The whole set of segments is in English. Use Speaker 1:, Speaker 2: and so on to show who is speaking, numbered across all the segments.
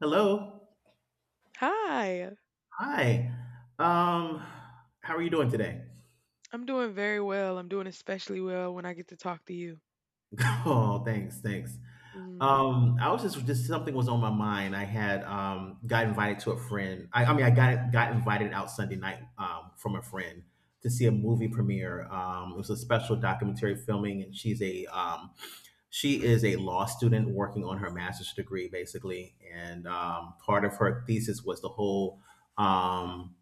Speaker 1: Hello.
Speaker 2: Hi.
Speaker 1: Hi. Um, how are you doing today?
Speaker 2: I'm doing very well. I'm doing especially well when I get to talk to you.
Speaker 1: Oh, thanks, thanks.
Speaker 2: Mm,
Speaker 1: I was just something was on my mind. I had got invited to a friend. I mean, I got invited out Sunday night from a friend to see a movie premiere. It was a special documentary filming, and she is a law student working on her master's degree, basically. And part of her thesis was the whole um.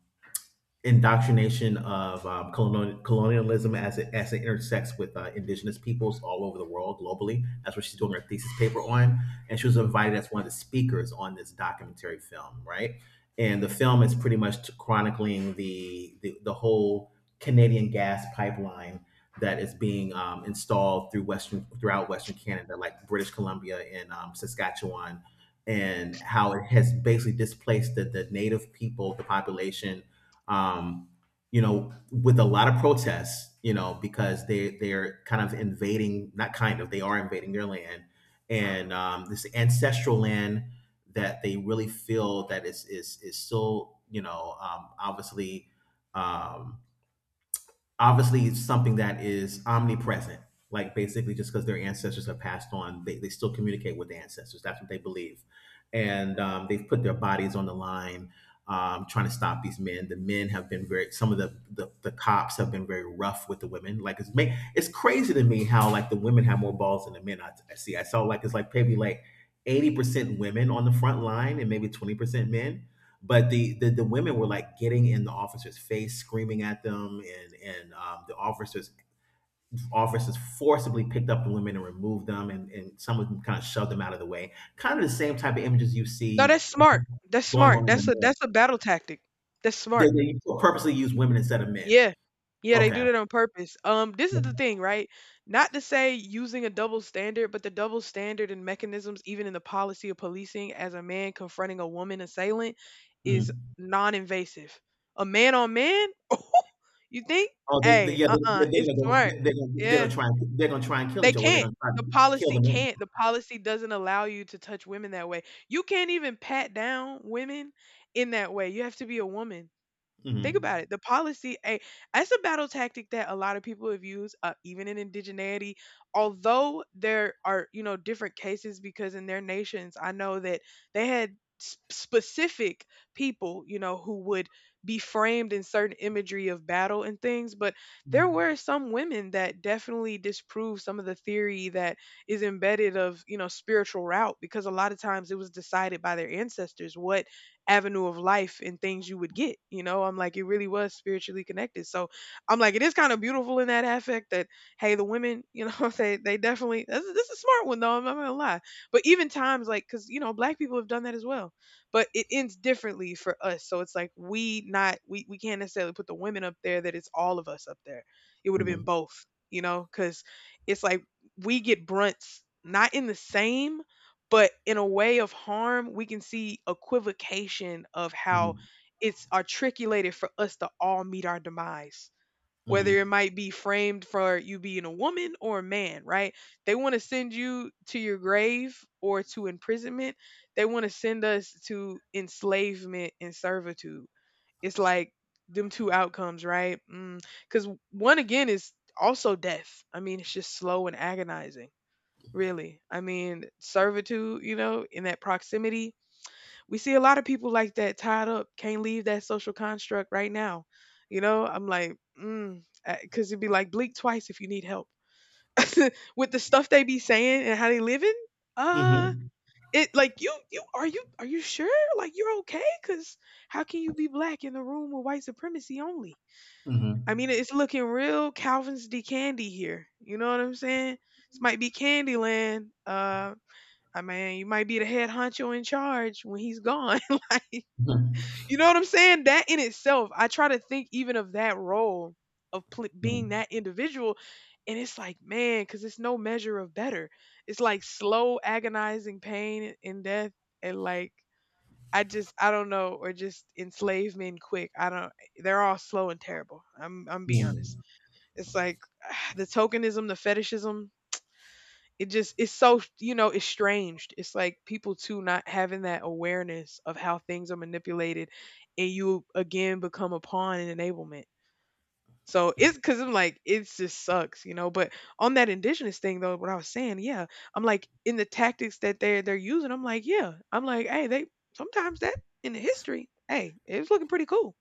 Speaker 1: indoctrination of colonialism as it intersects with indigenous peoples all over the world globally. That's what she's doing her thesis paper on, and she was
Speaker 2: mm.
Speaker 1: invited as one of the speakers on this documentary film, right? And the film is pretty much chronicling the whole Canadian gas pipeline that is being installed throughout Western Canada, like British Columbia and Saskatchewan, and how it has basically displaced the native people, the population, um, with a lot of protests, because they're kind of invading. Not kind of, they are invading their land, and this ancestral land that they really feel that is still, um, obviously it's something that is omnipresent. Like, basically, just because their ancestors have passed on, they still communicate with the ancestors. That's what they believe, and they've put their bodies on the line, trying to stop these men. The men have been very Some of the cops have been very rough with the women. Like, it's crazy to me how, like, the women have more balls than the men. I saw, like, it's like maybe like 80% women on the front line and maybe 20% men, but the women were like getting in the officer's face, screaming at them, and the officers forcibly picked up the women and removed them, and some of them kind of shoved them out of the way. Kind of the same type of images you
Speaker 2: No,
Speaker 1: see
Speaker 2: that's smart. That's
Speaker 1: going
Speaker 2: smart.
Speaker 1: on in the
Speaker 2: That's a
Speaker 1: men.
Speaker 2: that's a battle tactic. That's smart.
Speaker 1: They purposely use women instead of men.
Speaker 2: Yeah. Yeah, they
Speaker 1: Okay.
Speaker 2: do that on purpose. This is the thing, right? Not to say using a double standard, but the double standard and mechanisms, even in the policy of policing, as a man confronting a woman assailant, is
Speaker 1: Mm.
Speaker 2: non-invasive. A man on man? You think?
Speaker 1: Oh,
Speaker 2: Hey,
Speaker 1: yeah,
Speaker 2: uh-uh, it's
Speaker 1: are gonna go.
Speaker 2: smart.
Speaker 1: They're
Speaker 2: Yeah.
Speaker 1: gonna try. And they're gonna try and kill
Speaker 2: They
Speaker 1: each other. Or they're
Speaker 2: can't.
Speaker 1: gonna try
Speaker 2: The
Speaker 1: and kill
Speaker 2: policy
Speaker 1: the men.
Speaker 2: can't. The policy doesn't allow you to touch women that way. You can't even pat down women in that way. You have to be a woman. Think
Speaker 1: Mm-hmm.
Speaker 2: about it. The policy, a that's a battle tactic that a lot of people have used, even in indigeneity. Although there are, you know, different cases because in their nations, I know that they had specific people, you know, who would be framed in certain imagery of battle and things. But there were some women that definitely disproved some of the theory that is embedded of, you know, spiritual route, because a lot of times it was decided by their ancestors what avenue of life and things you would get. You know, I'm like, it really was spiritually connected. So I'm like, it is kind of beautiful in that affect that, hey, the women, you know, they definitely, this is a smart one though. I'm not going to lie. But even times like, cause you know, black people have done that as well, but it ends differently for us. So it's like, we not, we can't necessarily put the women up there, that it's all of us up there. It would have been
Speaker 1: Mm-hmm.
Speaker 2: both, you know, cause it's like we get brunts, not in the same but in a way of harm, we can see equivocation of how
Speaker 1: Mm-hmm.
Speaker 2: it's articulated for us to all meet our demise. Whether it
Speaker 1: Mm-hmm.
Speaker 2: might be framed for you being a woman or a man, right? They want to send you to your grave or to imprisonment. They want to send us to enslavement and servitude. It's like them two outcomes, right? Because one again is also death. I mean, it's just slow and agonizing. Really. I mean, servitude, you know, in that proximity. We see a lot of people like that tied up, can't leave that social construct right now. You know, I'm like, mm, because it'd be like blink twice if you need help. With the stuff they be saying and how they living,
Speaker 1: Mm-hmm.
Speaker 2: uh,
Speaker 1: Mm-hmm.
Speaker 2: it like you are you sure? Like you're okay? Cause how can you be black in a room with white supremacy only?
Speaker 1: Mm-hmm.
Speaker 2: I mean, it's looking real Calvin's D candy here. You know what I'm saying? This might be Candyland. I mean, you might be the head honcho in charge when he's gone. Like, you know what I'm saying? That in itself, I try to think even of that role of being
Speaker 1: Mm-hmm.
Speaker 2: that individual. And it's like, man, because it's no measure of better. It's like slow, agonizing pain and death. And like, I just, I don't know, or just enslavement quick. I don't, they're all slow and terrible. I'm being honest.
Speaker 1: Mm.
Speaker 2: It's like the tokenism, the fetishism, it just it's so, you know, estranged. It's like people too not having that awareness of how things are manipulated, and you again become a pawn in enablement. So it's, because I'm like, it just sucks, you know. But on that indigenous thing though, what I was saying, yeah, I'm like in the tactics that they're using, I'm like, yeah, I'm like, hey, they sometimes that in the history, hey, it was looking pretty cool.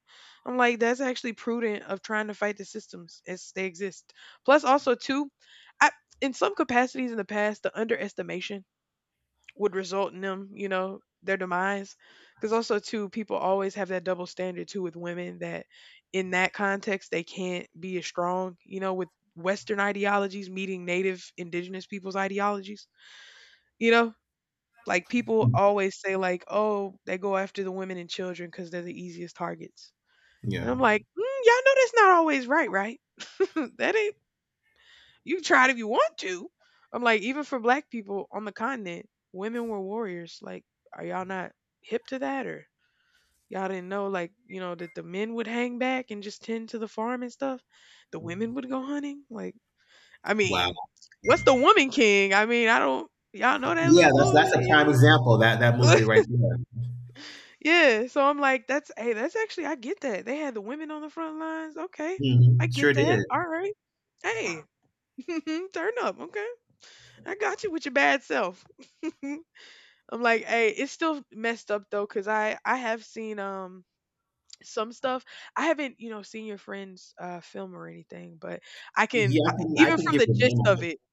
Speaker 2: I'm like, that's actually prudent of trying to fight the systems as they exist. Plus, also too, I in some capacities in the past, the underestimation would result in them, you know, their demise. Because also too, people always have that double standard too with women, that in that context they can't be as strong, you know, with Western ideologies meeting native indigenous people's ideologies. You know, like people always say like, oh, they go after the women and children because they're the easiest targets. And
Speaker 1: Yeah.
Speaker 2: I'm like, mm, y'all know that's not always right, right? That ain't you can try it if you want to. I'm like, even for black people on the continent, women were warriors. Like, are y'all not hip to that, or y'all didn't know, like, you know, that the men would hang back and just tend to the farm and stuff? The women would go hunting? Like, I mean,
Speaker 1: Wow.
Speaker 2: what's the woman king? I mean, I don't y'all know that
Speaker 1: Yeah,
Speaker 2: little movie,
Speaker 1: that's a prime
Speaker 2: you
Speaker 1: example. That
Speaker 2: know?
Speaker 1: movie right there.
Speaker 2: Yeah. So I'm like, that's hey, that's actually I get that. They had the women on the front lines. Okay. I get
Speaker 1: Sure
Speaker 2: that. All
Speaker 1: did.
Speaker 2: right. Hey. Turn up. Okay. I got you with your bad self. I'm like, hey, it's still messed up though, cause I have seen some stuff. I haven't, you know, seen your friend's film or anything, but
Speaker 1: Yeah, I
Speaker 2: even
Speaker 1: can
Speaker 2: from
Speaker 1: give
Speaker 2: the
Speaker 1: the
Speaker 2: gist
Speaker 1: name of
Speaker 2: of it,
Speaker 1: it.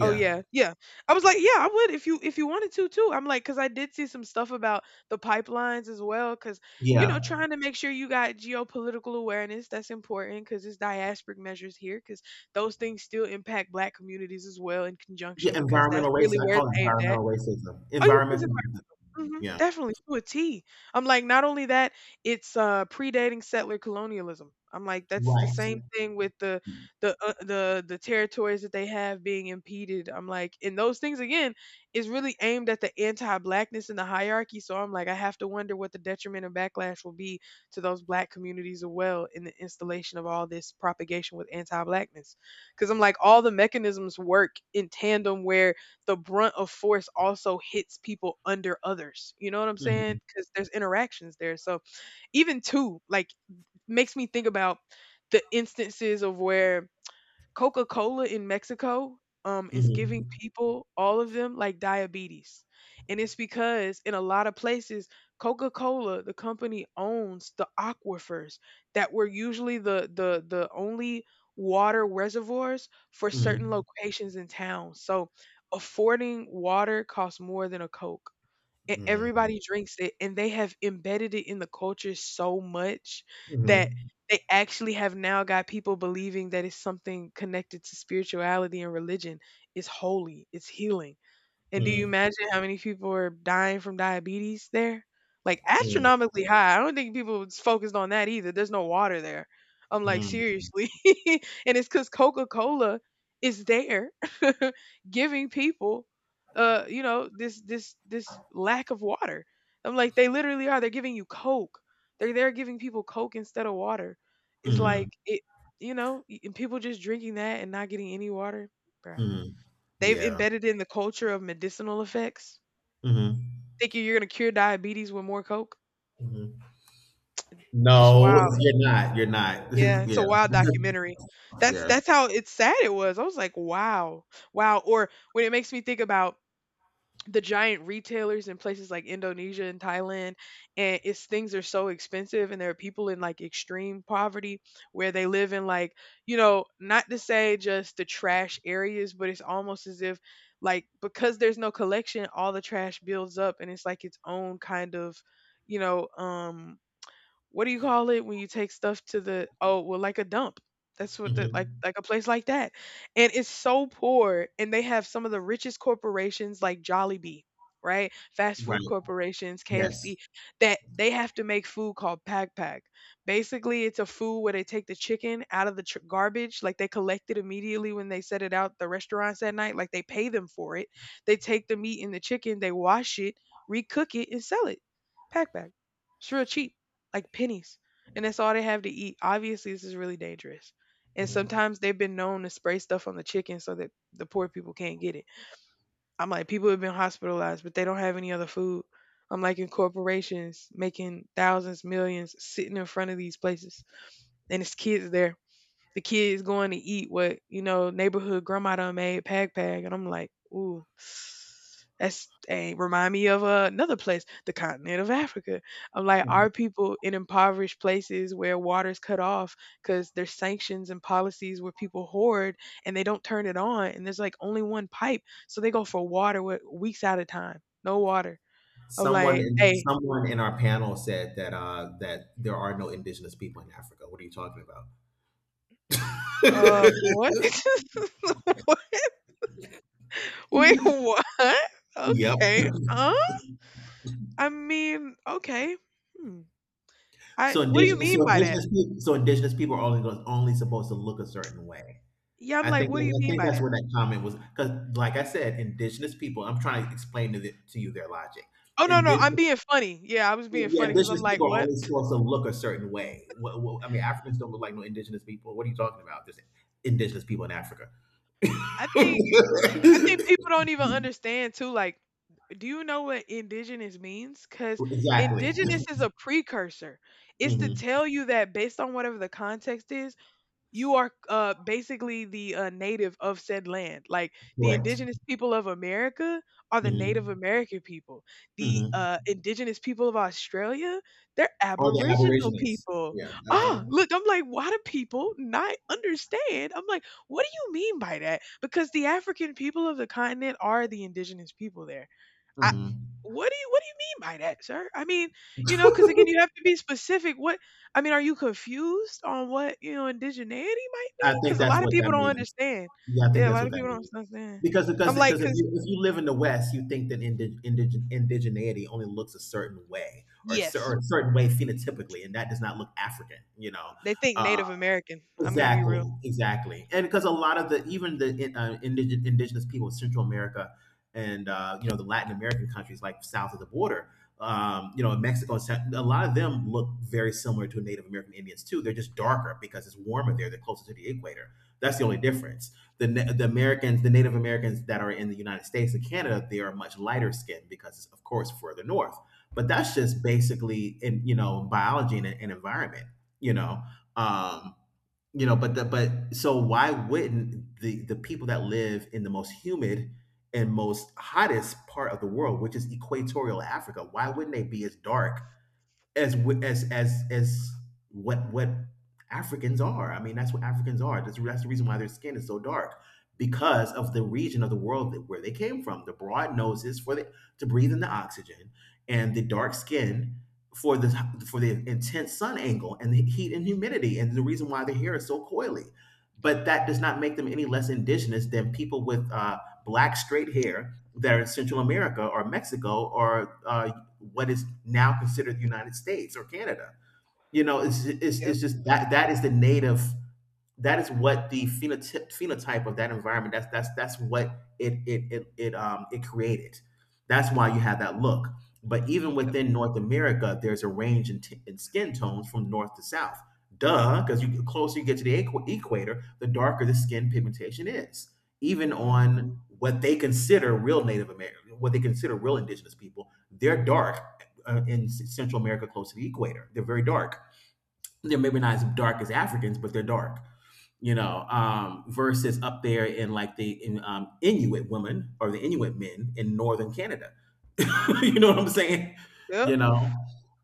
Speaker 2: oh yeah, yeah. I was like, yeah, I would if you wanted to too. I'm like, because I did see some stuff about the pipelines as well. Because you
Speaker 1: Yeah.
Speaker 2: know, trying to make sure you got geopolitical awareness, that's important because it's diasporic measures here, because those things still impact Black communities as well in
Speaker 1: Yeah.
Speaker 2: conjunction, because that's
Speaker 1: Environmental
Speaker 2: really
Speaker 1: racism. I
Speaker 2: where
Speaker 1: call
Speaker 2: it's
Speaker 1: it
Speaker 2: aimed at.
Speaker 1: environmental racism.
Speaker 2: Oh yeah, it's
Speaker 1: Environmental racism.
Speaker 2: mhm,
Speaker 1: Yeah.
Speaker 2: definitely, to a T. I'm like, not only that, it's, predating settler colonialism. I'm like, that's the
Speaker 1: Right.
Speaker 2: same thing with the the territories that they have being impeded. I'm like, and those things again is really aimed at the anti-blackness and the hierarchy. So I'm like, I have to wonder what the detriment and backlash will be to those black communities as well in the installation of all this propagation with anti-blackness. Because I'm like, all the mechanisms work in tandem where the brunt of force also hits people under others. You know what I'm
Speaker 1: Mm-hmm.
Speaker 2: saying? Because there's interactions there. So even two, like, makes me think about the instances of where Coca-Cola in Mexico is giving
Speaker 1: Mm-hmm.
Speaker 2: people all of them like diabetes. And it's because in a lot of places Coca-Cola the company owns the aquifers that were usually the only water reservoirs for certain
Speaker 1: Mm-hmm.
Speaker 2: locations in town. So affording water costs more than a Coke, and
Speaker 1: Mm-hmm.
Speaker 2: everybody drinks it, and they have embedded it in the culture so much that
Speaker 1: Mm-hmm.
Speaker 2: they actually have now got people believing that it's something connected to spirituality and religion. It's holy, it's healing. And do you imagine how many people are dying from diabetes there? Like
Speaker 1: Mm-hmm.
Speaker 2: astronomically high. I don't think people was focused on that either. There's no water there. I'm like, seriously. And it's because Coca Cola is there, giving people you know, this lack of water. I'm like, they literally are. They're giving you Coke. They're giving people Coke instead of water. It's
Speaker 1: Mm-hmm.
Speaker 2: like it, you know, and people just drinking that and not getting any water. Bruh.
Speaker 1: Mm-hmm.
Speaker 2: They've
Speaker 1: Yeah.
Speaker 2: embedded in the culture of medicinal effects.
Speaker 1: Mm-hmm.
Speaker 2: Thinking you're gonna cure diabetes with more Coke?
Speaker 1: Mm-hmm.
Speaker 2: Just
Speaker 1: No,
Speaker 2: wow.
Speaker 1: you're not. You're not.
Speaker 2: Yeah, it's
Speaker 1: Yeah.
Speaker 2: a wild documentary. That's
Speaker 1: Yeah.
Speaker 2: that's how it's sad it was. I was like, "Wow. Wow." Or when it makes me think about the giant retailers in places like Indonesia and Thailand, and it's things are so expensive, and there are people in like extreme poverty where they live in like, you know, not to say just the trash areas, but it's almost as if like because there's no collection, all the trash builds up, and it's like its own kind of you know um, what do you call it when you take stuff to the oh well like a dump, that's what the,
Speaker 1: Mm-hmm.
Speaker 2: like a place like that, and it's so poor, and they have some of the richest corporations like Jollibee, right, fast
Speaker 1: Right.
Speaker 2: food corporations KFC,
Speaker 1: Yes.
Speaker 2: that they have to make food called pack pack. Basically it's a food where they take the chicken out of the garbage, like they collect it immediately when they set it out the restaurants that night, like they pay them for it. They take the meat and the chicken, they wash it, recook it and sell it. Pack pack. It's real cheap, like pennies, and that's all they have to eat. Obviously, this is really dangerous. And
Speaker 1: Mhm.
Speaker 2: sometimes they've been known to spray stuff on the chicken so that the poor people can't get it. I'm like, people have been hospitalized, but they don't have any other food. I'm like, in corporations making thousands, millions sitting in front of these places, and it's kids there, the kids going to eat what, neighborhood grandma done made pag pag. And I'm like, ooh, that's dang, remind me of another place, the continent of Africa. I'm like, are people in impoverished places where water's cut off because there's sanctions and policies where people hoard and they don't turn it on and there's like only one pipe. So they go for water with weeks at a time. No water. I'm
Speaker 1: Someone
Speaker 2: like,
Speaker 1: in
Speaker 2: hey,
Speaker 1: someone in our panel said that, that there are no indigenous people in Africa. What are you talking about?
Speaker 2: what? Wait, what?
Speaker 1: Yep.
Speaker 2: Okay. Huh? I mean, okay. Hmm. I, what do you mean by that?
Speaker 1: Indigenous people are only, goes only supposed to look a certain way.
Speaker 2: Yeah, I'm like, what do you
Speaker 1: I
Speaker 2: mean
Speaker 1: think
Speaker 2: by
Speaker 1: that's
Speaker 2: that?
Speaker 1: where that comment was, because like I said, indigenous people, I'm trying to explain to you their logic.
Speaker 2: Oh no, no, I'm
Speaker 1: Indigenous
Speaker 2: being funny. Yeah, I was being
Speaker 1: Yeah,
Speaker 2: funny because I'm
Speaker 1: indigenous
Speaker 2: like,
Speaker 1: people are
Speaker 2: what?
Speaker 1: only supposed to look a certain way. I mean, Africans don't look like no indigenous people. What are you talking about? There's indigenous people in Africa.
Speaker 2: I think I think people don't even understand too. Like, do you know what indigenous means? Because
Speaker 1: Exactly.
Speaker 2: indigenous is a precursor. It's to
Speaker 1: Mhm.
Speaker 2: tell you that based on whatever the context is, you are basically the native of said land. Like the
Speaker 1: Correct.
Speaker 2: indigenous people of America are the Native
Speaker 1: Mhm.
Speaker 2: American people. The
Speaker 1: Mhm.
Speaker 2: indigenous people of Australia, they're
Speaker 1: Or the
Speaker 2: Aboriginal
Speaker 1: aborigines.
Speaker 2: people.
Speaker 1: Yeah.
Speaker 2: Ah,
Speaker 1: Uh-huh.
Speaker 2: look, I'm like, why do people not understand? I'm like, what do you mean by that? Because the African people of the continent are the indigenous people there. I,
Speaker 1: Mhm.
Speaker 2: what do you mean by that, sir? I mean, you know, because again, you have to be specific. What, I mean, are you confused on what indigeneity might
Speaker 1: I
Speaker 2: mean?
Speaker 1: think
Speaker 2: Because a
Speaker 1: that's
Speaker 2: lot of
Speaker 1: what
Speaker 2: people
Speaker 1: that
Speaker 2: don't
Speaker 1: means.
Speaker 2: understand.
Speaker 1: Yeah, I think
Speaker 2: Yeah, a
Speaker 1: that's
Speaker 2: lot
Speaker 1: what
Speaker 2: of
Speaker 1: that
Speaker 2: people don't
Speaker 1: means.
Speaker 2: understand.
Speaker 1: Because because
Speaker 2: I'm like,
Speaker 1: because if
Speaker 2: because
Speaker 1: you if you live in the West, you think that indigeneity only looks a certain way, or
Speaker 2: yes,
Speaker 1: or a certain way phenotypically, and that does not look African. You know.
Speaker 2: they think
Speaker 1: Uh,
Speaker 2: Native American. I'm gonna be
Speaker 1: Exactly,
Speaker 2: real.
Speaker 1: exactly, and because a lot of the, even the, indigenous people of Central America and, you know, the Latin American countries, like south of the border, you know, in Mexico, and a lot of them look very similar to Native American Indians too. They're just darker because it's warmer there. They're closer to the equator. That's the only difference. The Americans, the Native Americans that are in the United States and Canada, they are much lighter skinned because it's of course further north. But that's just basically in, you know, biology, and environment. You know. Um, but so why wouldn't the people that live in the most humid and most hottest part of the world, which is equatorial Africa, why wouldn't they be as dark as wi- as what Africans are. I mean, that's what Africans are. That's the reason why their skin is so dark, because of the region of the world that, where they came from. The broad noses for the to breathe in the oxygen, and the dark skin for the for the intense sun angle and the heat and humidity, and the reason why their hair is so coily. But that does not make them any less indigenous than people with, black straight hair that are in Central America or Mexico or, what is now considered the United States or Canada. You know,
Speaker 2: Yep,
Speaker 1: it's just that, that is the native that is what the phenotype of that environment, that's what it created. That's why you have that look. But even
Speaker 2: yep,
Speaker 1: within North America there's a range in, in skin tones from north to south, duh, because you the closer you get to the equator, the darker the skin pigmentation is, even
Speaker 2: hmm,
Speaker 1: on what they consider real Native American, what they consider real indigenous people. They're dark. In Central America close to the equator, they're very dark. They're maybe not as dark as Africans, but they're dark. You know, versus up there in, like, the Inuit women or the Inuit men in northern Canada. You know what I'm saying?
Speaker 2: yep.
Speaker 1: You know,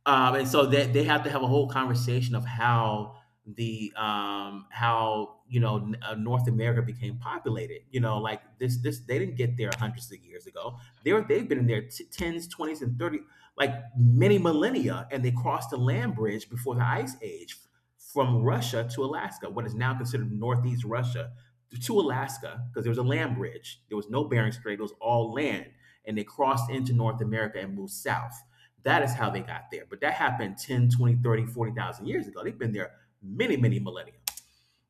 Speaker 1: and so, that they have to have a whole conversation of how, the how you know n- North America became populated. You know, like, this they didn't get there hundreds of years ago. They've been in there, tens, twenties, and 30, like, many millennia, and they crossed the land bridge before the ice age from Russia to Alaska, what is now considered northeast Russia to Alaska, because there was a land bridge. There was no Bering Strait. It was all land, and they crossed into North America and moved south. That is how they got there. But that happened 10, 20, 30, 40,000 years ago. They've been there many, many millennia.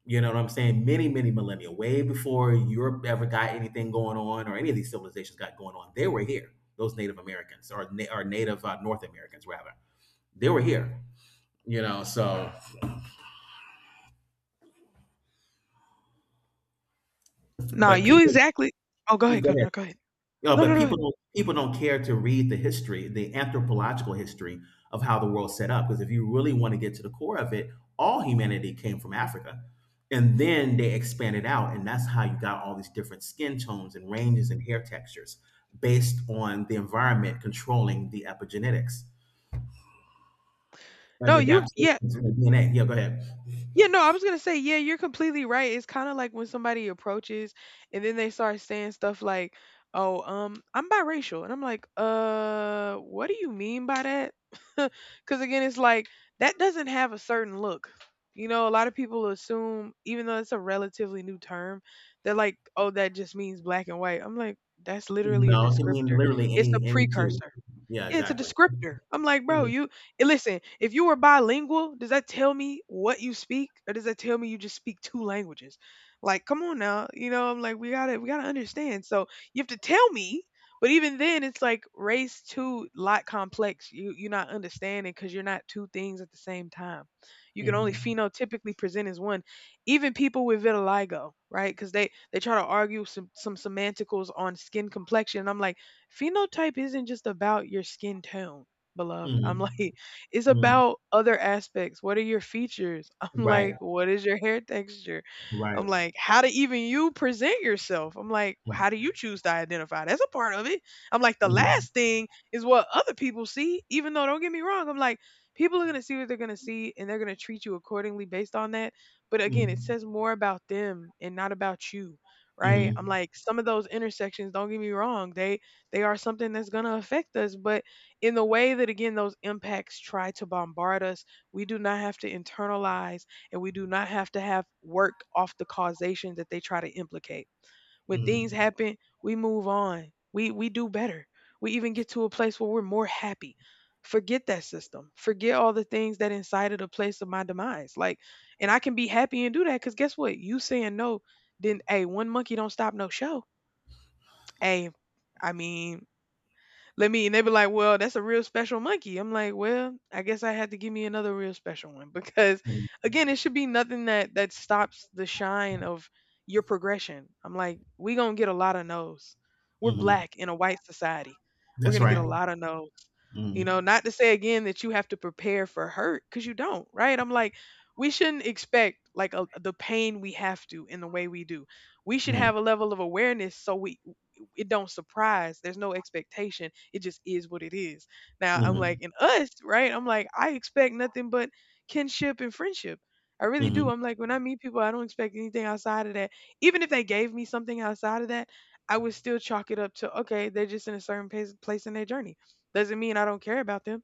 Speaker 1: You know what I'm saying? Many, many millennia, way before Europe ever got anything going on, or any of these civilizations got going on. They were here, those Native Americans, or Native, North Americans, rather. They were here, so,
Speaker 2: Nah,
Speaker 1: but
Speaker 2: you
Speaker 1: people,
Speaker 2: exactly. Oh, go
Speaker 1: go
Speaker 2: ahead, go
Speaker 1: ahead.
Speaker 2: no, go ahead.
Speaker 1: No,
Speaker 2: No, no,
Speaker 1: but
Speaker 2: no.
Speaker 1: people don't care to read the history, the anthropological history of how the world's set up. Because if you really want to get to the core of it, all humanity came from Africa. And then they expanded out, and that's how you got all these different skin tones and ranges and hair textures based on the environment controlling the epigenetics and
Speaker 2: No,
Speaker 1: the
Speaker 2: you. Yeah.
Speaker 1: adaptations in the DNA. Yeah, go ahead.
Speaker 2: Yeah, no, I was gonna say, yeah, you're completely right. It's kind of like when somebody approaches and then they start saying stuff like, "Oh, I'm biracial," and I'm like, what do you mean by that?" Because again, it's like that doesn't have a certain look. You know, a lot of people assume, even though it's a relatively new term, they're like, "Oh, that just means black and white." I'm like, that's literally a
Speaker 1: No, it can mean
Speaker 2: descriptor.
Speaker 1: literally
Speaker 2: It's a
Speaker 1: any two.
Speaker 2: precursor.
Speaker 1: Yeah,
Speaker 2: Yeah, it's a
Speaker 1: exactly.
Speaker 2: descriptor. I'm like, bro,
Speaker 1: Mhm,
Speaker 2: you, eh, listen, if you were bilingual, does that tell me what you speak? Or does that tell me you just speak two languages? Like, come on now. You know, I'm like, we gotta understand. So you have to tell me. But even then it's like race too lot complex. You're not understanding because you're not two things at the same time. You can only
Speaker 1: mhm,
Speaker 2: phenotypically present as one. Even people with vitiligo, right? Because they try to argue some semanticals on skin complexion. And I'm like phenotype isn't just about your skin tone, beloved. I'm like,
Speaker 1: mhm,
Speaker 2: it's
Speaker 1: mhm.
Speaker 2: about other aspects. What are your features? I'm
Speaker 1: Right,
Speaker 2: like, what is your hair texture?
Speaker 1: right.
Speaker 2: I'm like, how do even you present yourself? I'm like,
Speaker 1: Mhm,
Speaker 2: how do you choose to identify? That's a part of it. I'm like, the
Speaker 1: mhm.
Speaker 2: last thing is what other people see, even though don't get me wrong, I'm like, people are going to see what they're going to see and they're going to treat you accordingly based on that. But again, it
Speaker 1: Mm.
Speaker 2: says more about them and not about you, right? I'm
Speaker 1: Mhm.
Speaker 2: like, some of those intersections, don't get me wrong, they are something that's going to affect us, but in the way that, again, those impacts try to bombard us, we do not have to internalize and we do not have to have work off the causation that they try to implicate. When things
Speaker 1: Mhm.
Speaker 2: happen, we move on. We do better. We even get to a place where we're more happy. Forget that system. Forget all the things that incited a place of my demise. Like, and I can be happy and do that because guess what? You saying no, then, hey, one monkey don't stop no show. Hey, I mean, let me, and they be like, well, that's a real special monkey. I'm like, well, I guess I had to give me another real special one, because,
Speaker 1: Mhm.
Speaker 2: again, it should be nothing that stops the shine of your progression. I'm like, we gonna get a lot of no's. We're
Speaker 1: Mhm.
Speaker 2: black in a white society. We're
Speaker 1: That's
Speaker 2: gonna get a
Speaker 1: right.
Speaker 2: lot of no's. You know,
Speaker 1: Mhm.
Speaker 2: not to say again that you have to prepare for hurt because you don't, right? I'm like, we shouldn't expect like a, the pain we have to in the way we do. We should
Speaker 1: Mhm.
Speaker 2: have a level of awareness so we it don't surprise. There's no expectation. It just is what it is. Now I'm like,
Speaker 1: Mhm.
Speaker 2: in us, right? I'm like, I expect nothing but kinship and friendship. I really do.
Speaker 1: Mhm.
Speaker 2: I'm like, when I meet people, I don't expect anything outside of that. Even if they gave me something outside of that, I would still chalk it up to okay, they're just in a certain place in their journey. Doesn't mean I don't care about them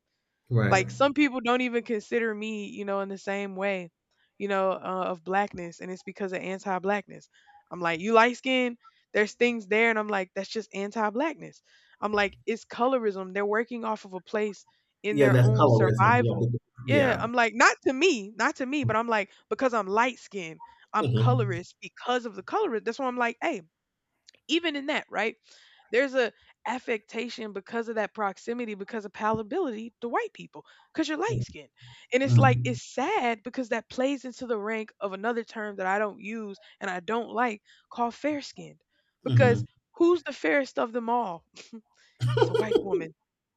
Speaker 1: Right.
Speaker 2: like some people don't even consider me, you know, in the same way, you know, of blackness, and it's because of anti-blackness. I'm like, you light skin, there's things there, and I'm like, that's just anti-blackness. I'm like, it's colorism. They're working off of a place in
Speaker 1: Yeah,
Speaker 2: their
Speaker 1: that's
Speaker 2: own
Speaker 1: colorism. Yeah,
Speaker 2: survival. Yeah,
Speaker 1: Yeah.
Speaker 2: I'm like, not to me, not to me, but I'm like, because I'm light skinned, I'm
Speaker 1: Mhm.
Speaker 2: colorist because of the colorist. That's why I'm like, hey, even in that, right? There's a affectation because of that proximity, because of palatability to white people, because you're light
Speaker 1: Mhm.
Speaker 2: skinned. And it's like it's sad because that plays into the rank of another term that I don't use and I don't like called fair skinned. Because
Speaker 1: Mhm.
Speaker 2: who's the fairest of them all? It's a white woman,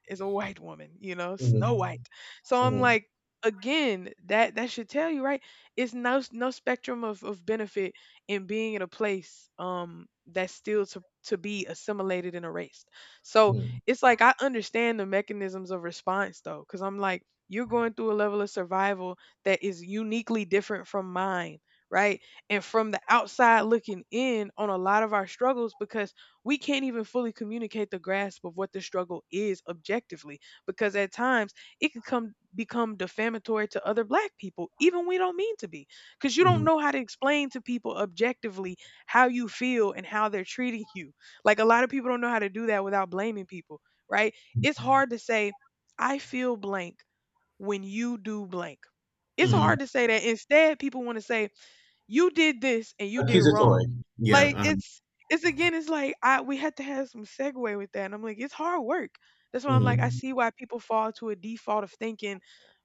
Speaker 2: it's a white woman, you know, snow
Speaker 1: Mhm.
Speaker 2: white. So I'm
Speaker 1: Mhm.
Speaker 2: like again that should tell you, right? It's no, no spectrum of benefit in being in a place that's still to be assimilated and erased. So
Speaker 1: Mhm.
Speaker 2: it's like I understand the mechanisms of response though because I'm like you're going through a level of survival that is uniquely different from mine, right? And from the outside looking in on a lot of our struggles because we can't even fully communicate the grasp of what the struggle is objectively because at times it could come become defamatory to other black people even we don't mean to be, because you
Speaker 1: Mhm.
Speaker 2: don't
Speaker 1: Mhm.
Speaker 2: know how to explain to people objectively how you feel and how they're treating you. Like a lot of people don't know how to do that without blaming people, right? It's hard to say I feel blank when you do blank. It's
Speaker 1: Mhm.
Speaker 2: hard to say that. Instead people want to say you did this and you did wrong.
Speaker 1: Accusatory. Yeah.
Speaker 2: Like
Speaker 1: Uh-huh.
Speaker 2: it's again, it's like I we had to have some segue with that. And I'm like, it's hard work. That's why I'm like, I
Speaker 1: Mhm.
Speaker 2: see why people fall to a default of thinking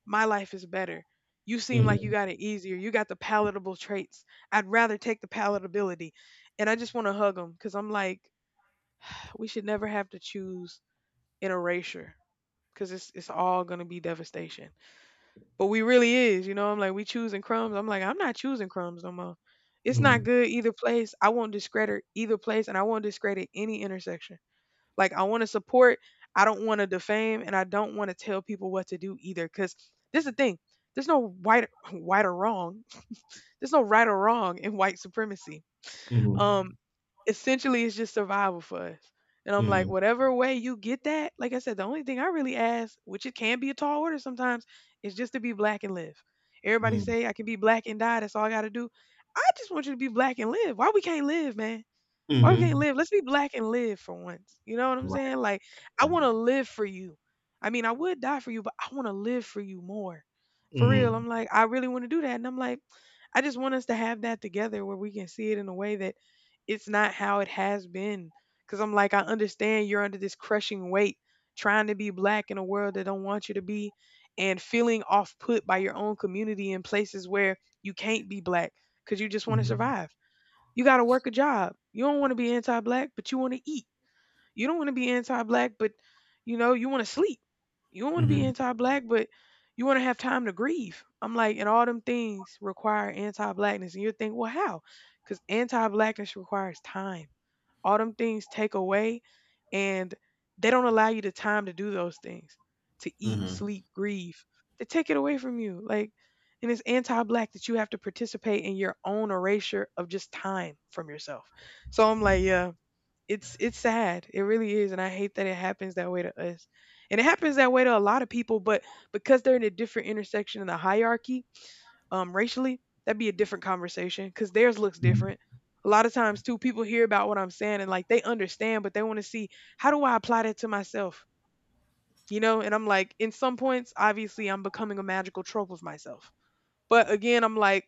Speaker 2: my life is better. You seem like you
Speaker 1: Mhm.
Speaker 2: got it easier. You got the palatable traits. I'd rather take the palatability. And I just want to hug them because I'm like, we should never have to choose an erasure because it's all going to be devastation. But we really is, you know, I'm like, we choosing crumbs. I'm like, I'm not choosing crumbs no more. It's not
Speaker 1: Mhm.
Speaker 2: good either place. I won't discredit either place and I won't discredit any intersection. Like I want to support, I don't want to defame, and I don't want to tell people what to do either. Cause this is the thing. There's no white white or wrong. There's no right or wrong in white supremacy.
Speaker 1: Mhm.
Speaker 2: Um essentially it's just survival for us. And I'm like,
Speaker 1: Mhm.
Speaker 2: whatever way you get that, like I said, the only thing I really ask, which it can be a tall order sometimes, is just to be black and live. Everybody
Speaker 1: Mhm.
Speaker 2: say I can be black and die. That's all I got to do. I just want you to be black and live. Why we can't live, man? Or we can't
Speaker 1: Mhm.
Speaker 2: live. Let's be black and live for once. You know what I'm saying?
Speaker 1: Right.
Speaker 2: Like, I want to live for you. I mean, I would die for you, but I want to live for you more. For real.
Speaker 1: Mhm.
Speaker 2: I'm like, I really want to do that. And I'm like, I just want us to have that together where we can see it in a way that it's not how it has been. Cause I'm like, I understand you're under this crushing weight trying to be black in a world that don't want you to be and feeling off put by your own community in places where you can't be black because you just want to
Speaker 1: Mhm.
Speaker 2: survive. You got to work a job. You don't want to be anti-black, but you want to eat. You don't want to be anti-black, but you know you want to sleep. You don't want to be
Speaker 1: Mhm.
Speaker 2: anti-black, but you want to have time to grieve. I'm like, and all them things require anti-blackness, and you think, well, how? Because anti-blackness requires time, all them things take away, and they don't allow you the time to do those things, to eat,
Speaker 1: Mhm.
Speaker 2: sleep, grieve. They take it away from you, like, and it's anti-black that you have to participate in your own erasure of just time from yourself. So I'm like, yeah, it's sad. It really is, and I hate that it happens that way to us, and it happens that way to a lot of people, but because they're in a different intersection in the hierarchy, racially, that'd be a different conversation because theirs looks
Speaker 1: Mhm.
Speaker 2: different. A lot of times, too, people hear about what I'm saying and like they understand, but they want to see, how do I apply that to myself, you know? And I'm like, in some points, obviously, I'm becoming a magical trope of myself. But again, I'm like,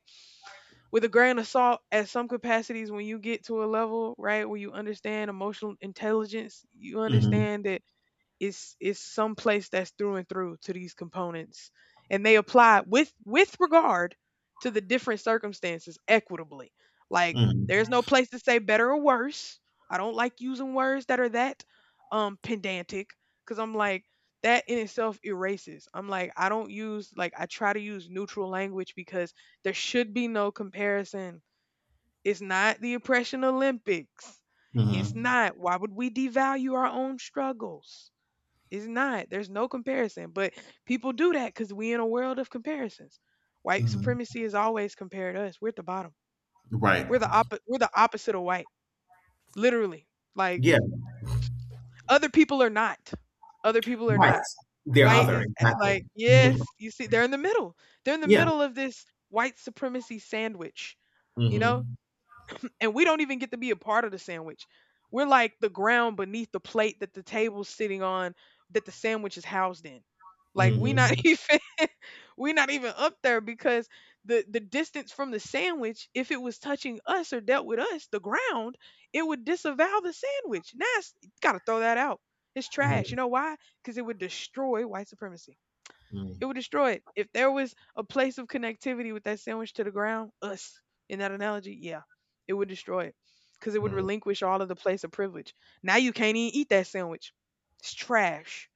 Speaker 2: with a grain of salt, at some capacities, when you get to a level, right, where you understand emotional intelligence, you
Speaker 1: Mhm.
Speaker 2: understand that is someplace that's through and through to these components, and they apply with regard to the different circumstances equitably. Like,
Speaker 1: Mhm.
Speaker 2: there's no place to say better or worse. I don't like using words that are that pedantic because I'm like that in itself erases. I'm like, I don't use, like, I try to use neutral language because there should be no comparison. It's not the oppression olympics. It's
Speaker 1: Mhm.
Speaker 2: not. Why would we devalue our own struggles? It's not. There's no comparison. But people do that because we in a world of comparisons. White
Speaker 1: Mhm.
Speaker 2: supremacy has always compared us. We're at the bottom.
Speaker 1: Right.
Speaker 2: We're the opposite of white. Literally. Like,
Speaker 1: Yeah.
Speaker 2: other people are not. Other people are
Speaker 1: Right.
Speaker 2: not.
Speaker 1: They're
Speaker 2: White
Speaker 1: other,
Speaker 2: is,
Speaker 1: exactly.
Speaker 2: like,
Speaker 1: Mhm.
Speaker 2: yes, you see, they're in the middle. They're in the
Speaker 1: Yeah.
Speaker 2: middle of this white supremacy sandwich, you know?
Speaker 1: Mhm.
Speaker 2: And we don't even get to be a part of the sandwich. We're like the ground beneath the plate that the table's sitting on that the sandwich is housed in. Like we not
Speaker 1: Mhm.
Speaker 2: even. We're not even up there because the distance from the sandwich, if it was touching us or dealt with us, the ground, it would disavow the sandwich. Now it's gotta throw that out. It's trash. You
Speaker 1: Mm,
Speaker 2: know why? Because it would destroy white supremacy. It
Speaker 1: mm,
Speaker 2: would destroy it. If there was a place of connectivity with that sandwich to the ground, us in that analogy, yeah, it would destroy it. Because it would
Speaker 1: mm,
Speaker 2: relinquish all of the place of privilege. Now you can't even eat that sandwich. It's trash.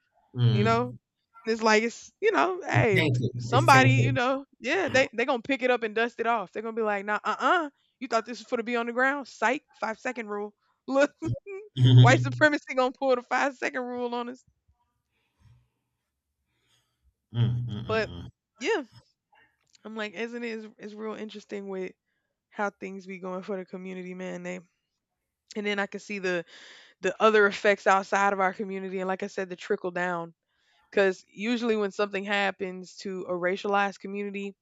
Speaker 2: You know,
Speaker 1: mm.
Speaker 2: it's like it's, hey,
Speaker 1: Tainted. It's
Speaker 2: somebody,
Speaker 1: tainted.
Speaker 2: yeah, they gonna pick it up and dust it off. They're gonna be like, nah, you thought this was for to be on the ground? Psych, five-second rule. Look, white
Speaker 1: Mhm.
Speaker 2: supremacy gonna pull the five-second rule on us.
Speaker 1: Mm, mm,
Speaker 2: But
Speaker 1: mm, mm.
Speaker 2: yeah, I'm like, isn't it? It's real interesting with how things be going for the community, man. They and then I can see the other effects outside of our community, and like I said, the trickle down. Because usually when something happens to a racialized community,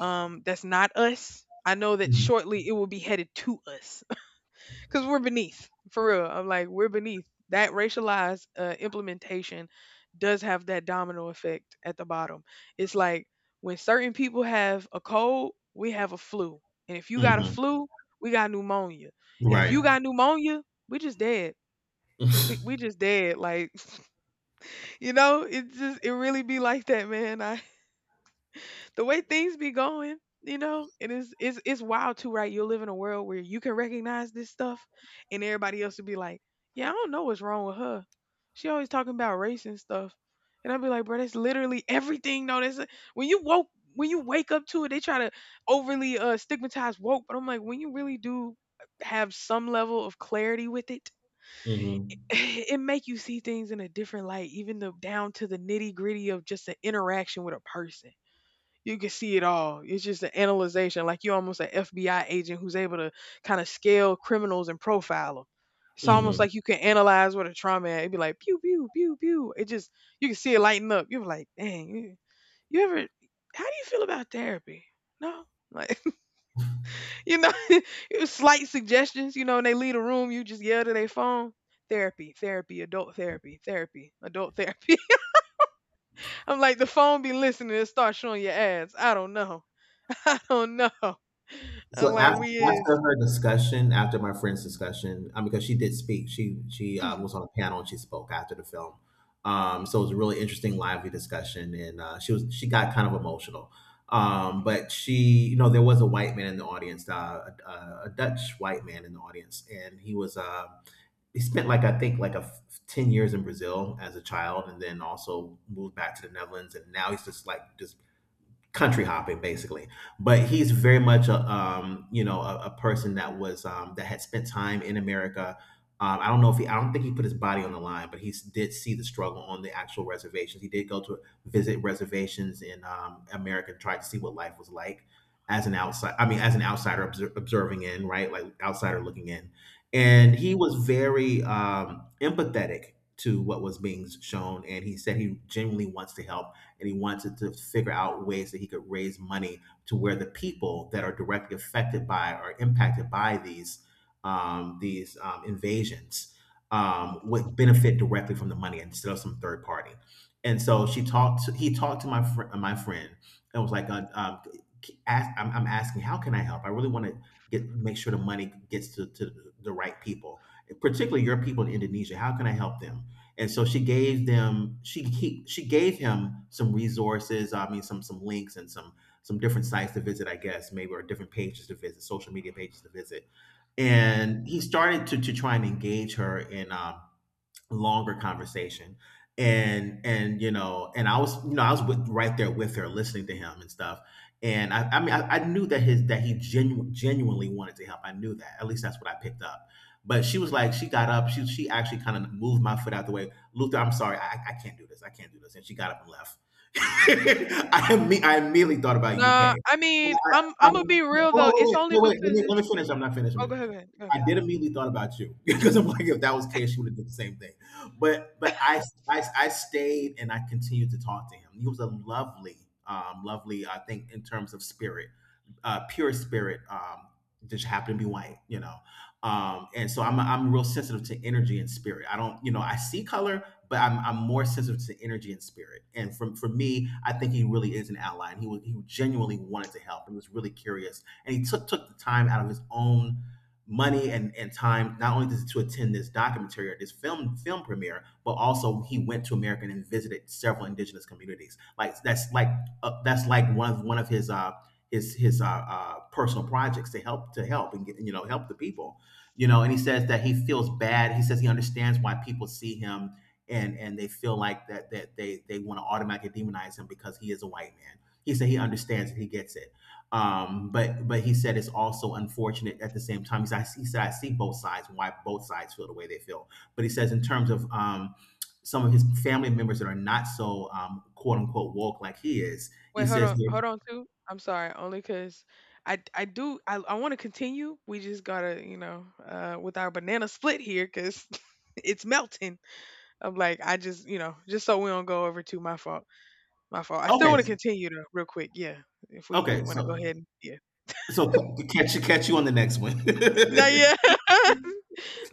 Speaker 2: that's not us, I know that
Speaker 1: Mhm.
Speaker 2: shortly it will be headed to us because we're beneath, for real. I'm like, we're beneath. That racialized implementation does have that domino effect at the bottom. It's like when certain people have a cold, we have a flu. And if you got a
Speaker 1: Mhm.
Speaker 2: flu, we got pneumonia. And if
Speaker 1: Right.
Speaker 2: you got pneumonia, we just dead. We just dead. Like, it just, it really be like that, man. The way things be going, it is it's wild too, right? You'll live in a world where you can recognize this stuff, and everybody else will be like, yeah, I don't know what's wrong with her. She always talking about race and stuff. And I'll be like, bro, that's literally everything. No, that's when you woke when you wake up to it, they try to overly stigmatize woke, but I'm like, when you really do have some level of clarity with it,
Speaker 1: Mhm.
Speaker 2: it make you see things in a different light, even the down to the nitty gritty of just an interaction with a person you can see it all. It's just an analyzation, like you're almost an FBI agent who's able to kind of scale criminals and profile them. It's almost
Speaker 1: Mhm.
Speaker 2: like you can analyze what a trauma at. It'd be like pew pew pew pew. It just you can see it lighten up. You're like, dang, you ever? How do you feel about therapy? No, like, it was slight suggestions. And they leave the room, you just yell to their phone. Therapy, therapy, adult therapy, therapy, adult therapy. I'm like the phone be listening and start showing your ads. I don't know. Oh, no. I'm
Speaker 1: So
Speaker 2: like, we is,
Speaker 1: after her discussion, after my friend's discussion, because she did speak, she
Speaker 2: mhm.
Speaker 1: was on a panel and she spoke after the film. So it was a really interesting, lively discussion, and, she got kind of emotional.
Speaker 2: Mm,
Speaker 1: But she, you know, there was a white man in the audience, a Dutch white man in the audience, and he was he spent like I think like 10 years in Brazil as a child, and then also moved back to the Netherlands, and now he's just like just country hopping basically, but he's very much a you know a person that was that had spent time in America. I don't know if he I don't think he put his body on the line, but did see the struggle on the actual reservations. He did go to visit reservations in America and try to see what life was like as an outside I mean as an outsider, observing in, right, like outsider looking in.
Speaker 2: yeah,
Speaker 1: And he was very empathetic to what was being shown, and he said he genuinely wants to help, and he wanted to figure out ways that he could raise money to where the people that are directly affected by or impacted by these invasions would benefit directly from the money instead of some third party. And so he talked to my friend and was like, I'm asking, how can I help? I really want to get make sure the money gets to the right people, particularly your people in Indonesia. How can I help them? And so she gave them she he, she gave him some resources, some links and some different sites to visit, I guess, maybe, or different pages to visit, social media pages to visit. And he started to try and engage her in longer conversation. And you know, I was with, right there with her, listening to him and stuff. I mean I knew that his that he genuinely wanted to help. I knew that, at least that's what I picked up. But she was like, she got up she actually kind of moved my foot out the way. Luther, I'm sorry, I can't do this, I can't do this. And she got up and left.
Speaker 2: mm-mm.
Speaker 1: I immediately thought about UK.
Speaker 2: Nah, I mean,
Speaker 1: Well,
Speaker 2: I'm Imma be
Speaker 1: wait, wait,
Speaker 2: real,
Speaker 1: wait,
Speaker 2: though, it's
Speaker 1: wait,
Speaker 2: only
Speaker 1: wait. Let
Speaker 2: because
Speaker 1: me
Speaker 2: it's.
Speaker 1: finish. I'm not finished.
Speaker 2: Oh, go ahead, go ahead, go ahead. Go
Speaker 1: I
Speaker 2: ahead.
Speaker 1: did immediately thought about you because I'm like, if that was the case, she would have did the same thing. But I stayed and I continued to talk to him. He was a lovely, lovely, I think, in terms of spirit, pure spirit, just happen to be white, you know. And so I'm real sensitive to energy and spirit. I don't, you know, I see color, but I'm more sensitive to energy and spirit. And from for me, I think he really is an ally, and he genuinely wanted to help. He was really curious, and he took the time out of his own money and time, not only to attend this documentary or this film premiere, but also he went to America and visited several indigenous communities. Like that's like that's like one of his personal projects, to help, to help and get, you know, help the people. You know, and he says that he feels bad. He says he understands why people see him, and they feel like that they want to automatically demonize him because he is a white man. He said he understands it, he gets it. But he said it's also unfortunate at the same time. He said, he said, I see both sides and why both sides feel the way they feel. But he says, in terms of some of his family members that are not so quote unquote woke like he is, he
Speaker 2: Wait, hold
Speaker 1: says.
Speaker 2: on, hold on, too. I'm sorry, only because I do I wanna continue, we just gotta, with our banana split here because it's melting. I'm like, I just, just so we don't go over, to my fault, my fault. I still
Speaker 1: Okay.
Speaker 2: wanna continue, though, real quick, yeah, if we
Speaker 1: Okay,
Speaker 2: wanna go
Speaker 1: so
Speaker 2: ahead and yeah.
Speaker 1: so catch you, catch you on the next
Speaker 2: Not
Speaker 1: one.
Speaker 2: yet.